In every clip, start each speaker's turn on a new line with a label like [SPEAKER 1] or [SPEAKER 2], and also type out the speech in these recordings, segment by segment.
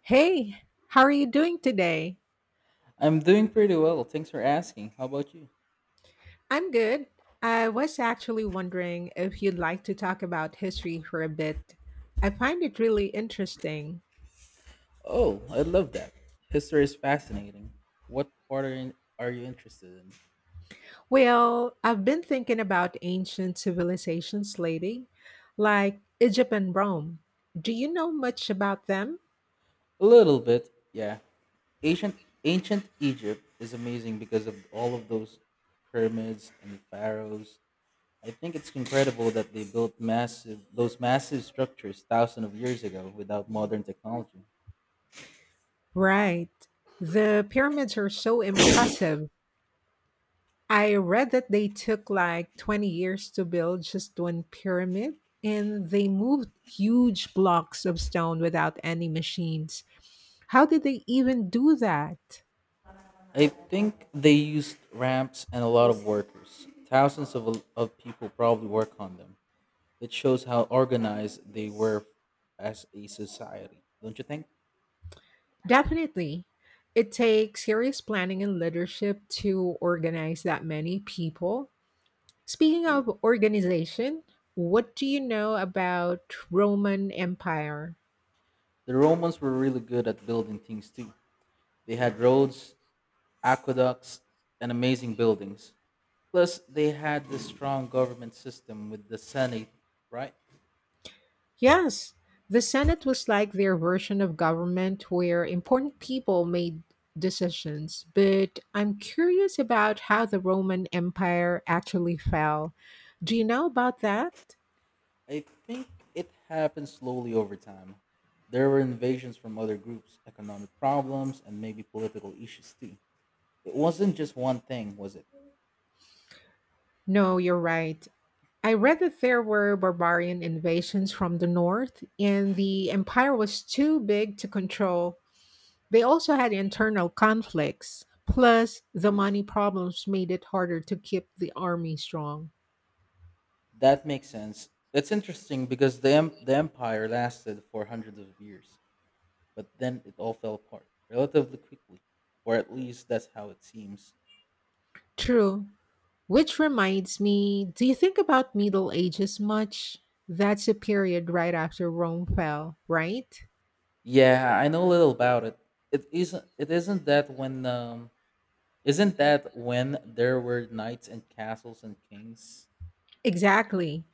[SPEAKER 1] Hey, how are you doing today?
[SPEAKER 2] I'm doing pretty well. Thanks for asking. How about you?
[SPEAKER 1] I'm good. I was actually wondering if you'd like to talk about history for a bit. I find it really interesting.
[SPEAKER 2] Oh, I love that. History is fascinating. What part are you interested in?
[SPEAKER 1] Well, I've been thinking about ancient civilizations lately, like Egypt and Rome. Do you know much about them?
[SPEAKER 2] A little bit, yeah. Ancient ancient Egypt is amazing because of all of those pyramids and pharaohs. I think it's incredible that they built massive those massive structures thousands of years ago without modern technology.
[SPEAKER 1] Right. The pyramids are so impressive. I read that they took like 20 years to build just one pyramid, and they moved huge blocks of stone without any machines. How did they even do that?
[SPEAKER 2] I think they used ramps and a lot of workers. Thousands of people probably work on them. It shows how organized they were as a society, don't you think?
[SPEAKER 1] Definitely. It takes serious planning and leadership to organize that many people. Speaking of organization, what do you know about Roman Empire?
[SPEAKER 2] The Romans were really good at building things too. They had roads, aqueducts, and amazing buildings. Plus, they had the strong government system with the Senate, right?
[SPEAKER 1] Yes, the Senate was like their version of government where important people made decisions. But I'm curious about how the Roman Empire actually fell. Do you know about that?
[SPEAKER 2] I think it happened slowly over time. There were invasions from other groups, economic problems, and maybe political issues too. It wasn't just one thing, was it?
[SPEAKER 1] No, you're right. I read that there were barbarian invasions from the north, and the empire was too big to control. They also had internal conflicts. Plus, the money problems made it harder to keep the army strong.
[SPEAKER 2] That makes sense. That's interesting because the empire lasted for hundreds of years, but then it all fell apart relatively quickly, or at least that's how it seems.
[SPEAKER 1] True. Which reminds me, do you think about Middle Ages much? That's a period right after Rome fell, right?
[SPEAKER 2] Yeah, I know little about it. It isn't that when there were knights and castles and kings.
[SPEAKER 1] Exactly.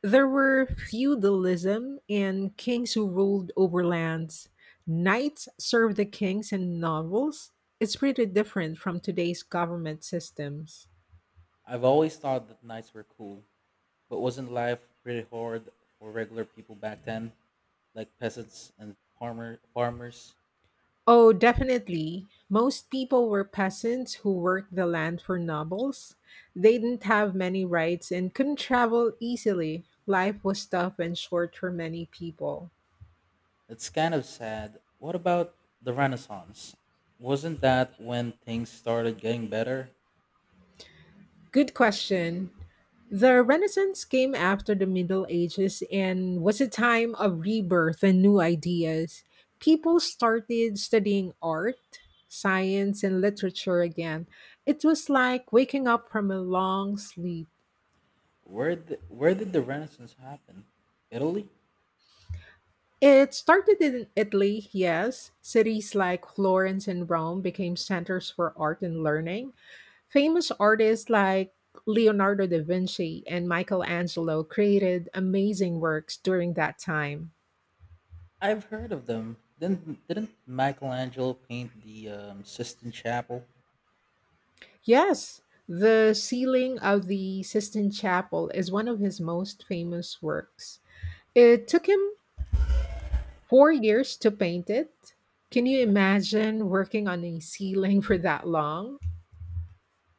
[SPEAKER 1] There were feudalism and kings who ruled over lands. Knights served the kings in novels. It's pretty different from today's government systems.
[SPEAKER 2] I've always thought that knights were cool, but wasn't life pretty hard for regular people back then, like peasants and farmers?
[SPEAKER 1] Oh, definitely. Most people were peasants who worked the land for nobles. They didn't have many rights and couldn't travel easily. Life was tough and short for many people.
[SPEAKER 2] It's kind of sad. What about the Renaissance? Wasn't that when things started getting better?
[SPEAKER 1] Good question. The Renaissance came after the Middle Ages and was a time of rebirth and new ideas. People started studying art, science, and literature again. It was like waking up from a long sleep.
[SPEAKER 2] Where did the Renaissance happen? Italy?
[SPEAKER 1] It started in Italy, yes. Cities like Florence and Rome became centers for art and learning. Famous artists like Leonardo da Vinci and Michelangelo created amazing works during that time.
[SPEAKER 2] I've heard of them. Didn't Michelangelo paint the Sistine Chapel?
[SPEAKER 1] Yes, the ceiling of the Sistine Chapel is one of his most famous works. It took him 4 years to paint it. Can you imagine working on a ceiling for that long?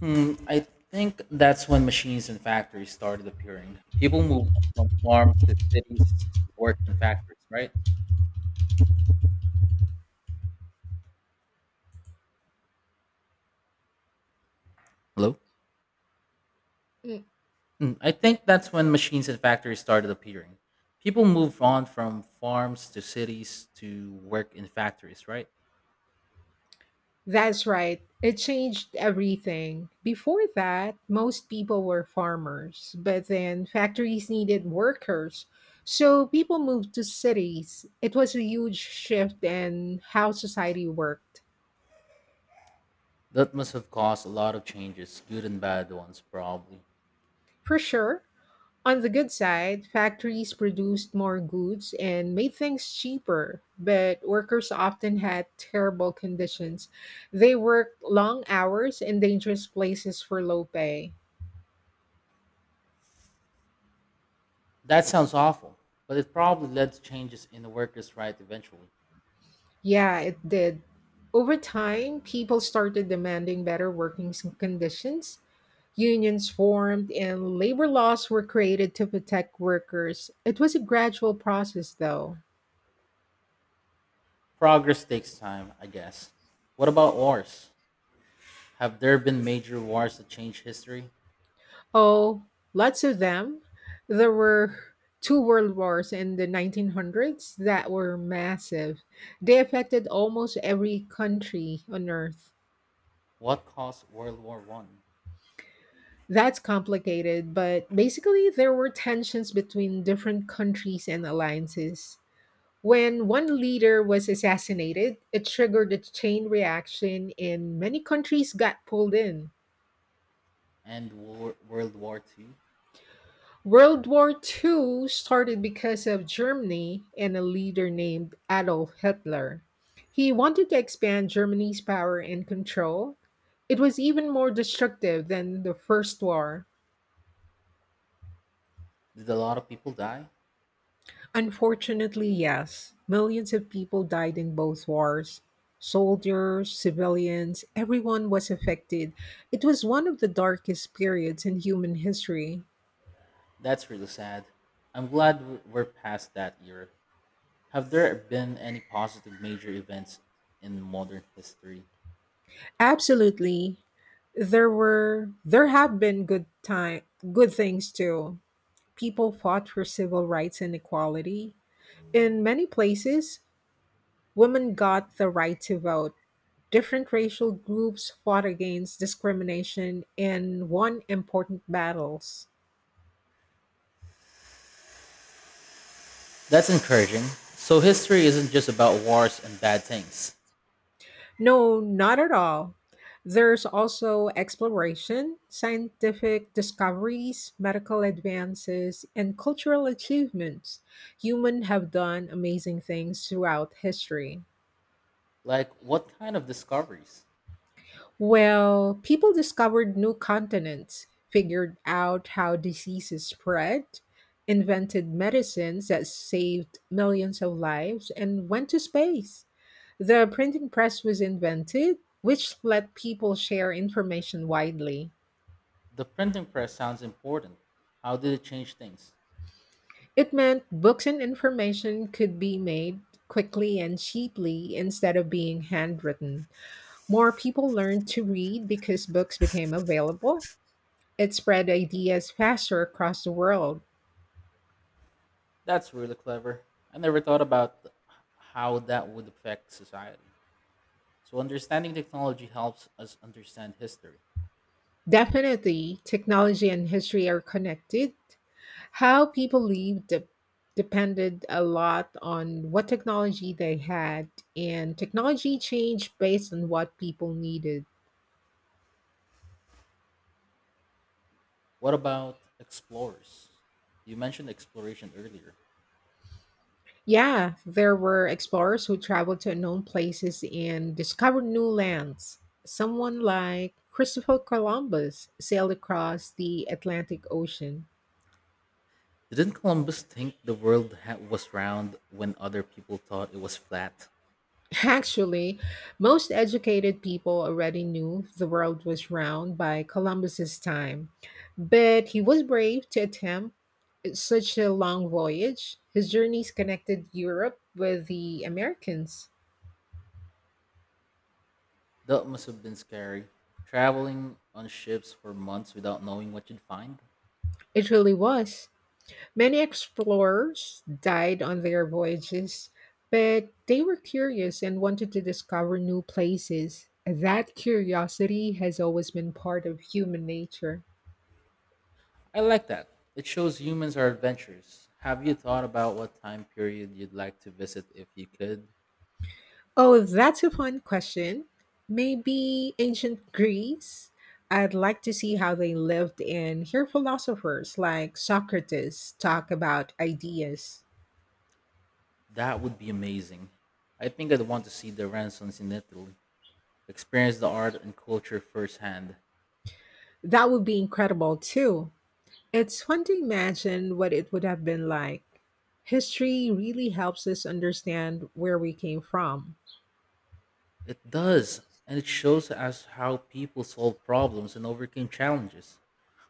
[SPEAKER 2] Hmm, I think that's when machines and factories started appearing. People moved from farms to cities to work in factories, right? Hello. I think that's when machines and factories started appearing. People moved on from farms to cities to work in factories, right?
[SPEAKER 1] That's right. It changed everything. Before that, most people were farmers, but then factories needed workers. So people moved to cities. It was a huge shift in how society worked.
[SPEAKER 2] That must have caused a lot of changes, good and bad ones, probably.
[SPEAKER 1] For sure, on the good side, factories produced more goods and made things cheaper, but workers often had terrible conditions. They worked long hours in dangerous places for low pay.
[SPEAKER 2] That sounds awful, but it probably led to changes in the workers' right eventually.
[SPEAKER 1] Yeah, it did. Over time, people started demanding better working conditions. Unions formed and labor laws were created to protect workers. It was a gradual process, though.
[SPEAKER 2] Progress takes time, I guess. What about wars? Have there been major wars that changed history?
[SPEAKER 1] Oh, lots of them. There were two world wars in the 1900s that were massive. They affected almost every country on earth.
[SPEAKER 2] What caused World War One
[SPEAKER 1] That's complicated, but basically, there were tensions between different countries and alliances. When one leader was assassinated, it triggered a chain reaction and many countries got pulled in.
[SPEAKER 2] and World War Two?
[SPEAKER 1] World War II started because of Germany and a leader named Adolf Hitler. He wanted to expand Germany's power and control. It was even more destructive than the First War.
[SPEAKER 2] Did a lot of people die?
[SPEAKER 1] Unfortunately, yes. Millions of people died in both wars. Soldiers, civilians, everyone was affected. It was one of the darkest periods in human history.
[SPEAKER 2] That's really sad. I'm glad we're past that era. Have there been any positive major events in modern history?
[SPEAKER 1] Absolutely. There have been good things too. People fought for civil rights and equality. In many places, women got the right to vote. Different racial groups fought against discrimination and won important battles.
[SPEAKER 2] That's encouraging. So history isn't just about wars and bad things.
[SPEAKER 1] No, not at all. There's also exploration, scientific discoveries, medical advances, and cultural achievements. Humans have done amazing things throughout history.
[SPEAKER 2] Like what kind of discoveries?
[SPEAKER 1] Well, people discovered new continents, figured out how diseases spread, invented medicines that saved millions of lives, and went to space. The printing press was invented, which let people share information widely.
[SPEAKER 2] The printing press sounds important. How did it change things?
[SPEAKER 1] It meant books and information could be made quickly and cheaply instead of being handwritten. More people learned to read because books became available. It spread ideas faster across the world.
[SPEAKER 2] That's really clever. I never thought about how that would affect society. So understanding technology helps us understand history.
[SPEAKER 1] Definitely, technology and history are connected. How people lived depended a lot on what technology they had, and technology changed based on what people needed.
[SPEAKER 2] What about explorers? You mentioned exploration earlier.
[SPEAKER 1] Yeah, there were explorers who traveled to unknown places and discovered new lands. Someone like Christopher Columbus sailed across the Atlantic Ocean.
[SPEAKER 2] Didn't Columbus think the world was round when other people thought it was flat?
[SPEAKER 1] Actually, most educated people already knew the world was round by Columbus's time, but he was brave to attempt such a long voyage. His journeys connected Europe with the Americans.
[SPEAKER 2] That must have been scary. Traveling on ships for months without knowing what you'd find?
[SPEAKER 1] It really was. Many explorers died on their voyages, but they were curious and wanted to discover new places. That curiosity has always been part of human nature.
[SPEAKER 2] I like that. It shows humans are adventurous. Have you thought about what time period you'd like to visit if you could?
[SPEAKER 1] Oh, that's a fun question. Maybe ancient Greece. I'd like to see how they lived and hear philosophers like Socrates talk about ideas.
[SPEAKER 2] That would be amazing. I think I'd want to see the Renaissance in Italy, experience the art and culture firsthand.
[SPEAKER 1] That would be incredible too. It's fun to imagine what it would have been like. History really helps us understand where we came from.
[SPEAKER 2] It does, and it shows us how people solve problems and overcame challenges.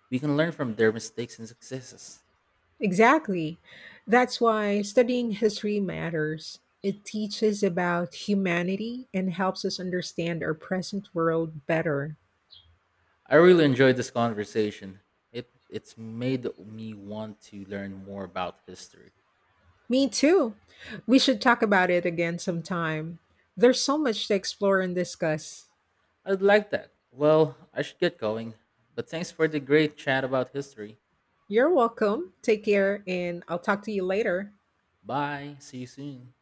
[SPEAKER 2] We can learn from their mistakes and successes.
[SPEAKER 1] Exactly. That's why studying history matters. It teaches about humanity and helps us understand our present world better.
[SPEAKER 2] I really enjoyed this conversation. It's made me want to learn more about history.
[SPEAKER 1] Me too. We should talk about it again sometime. There's so much to explore and discuss.
[SPEAKER 2] I'd like that. Well, I should get going. But thanks for the great chat about history.
[SPEAKER 1] You're welcome. Take care, and I'll talk to you later.
[SPEAKER 2] Bye. See you soon.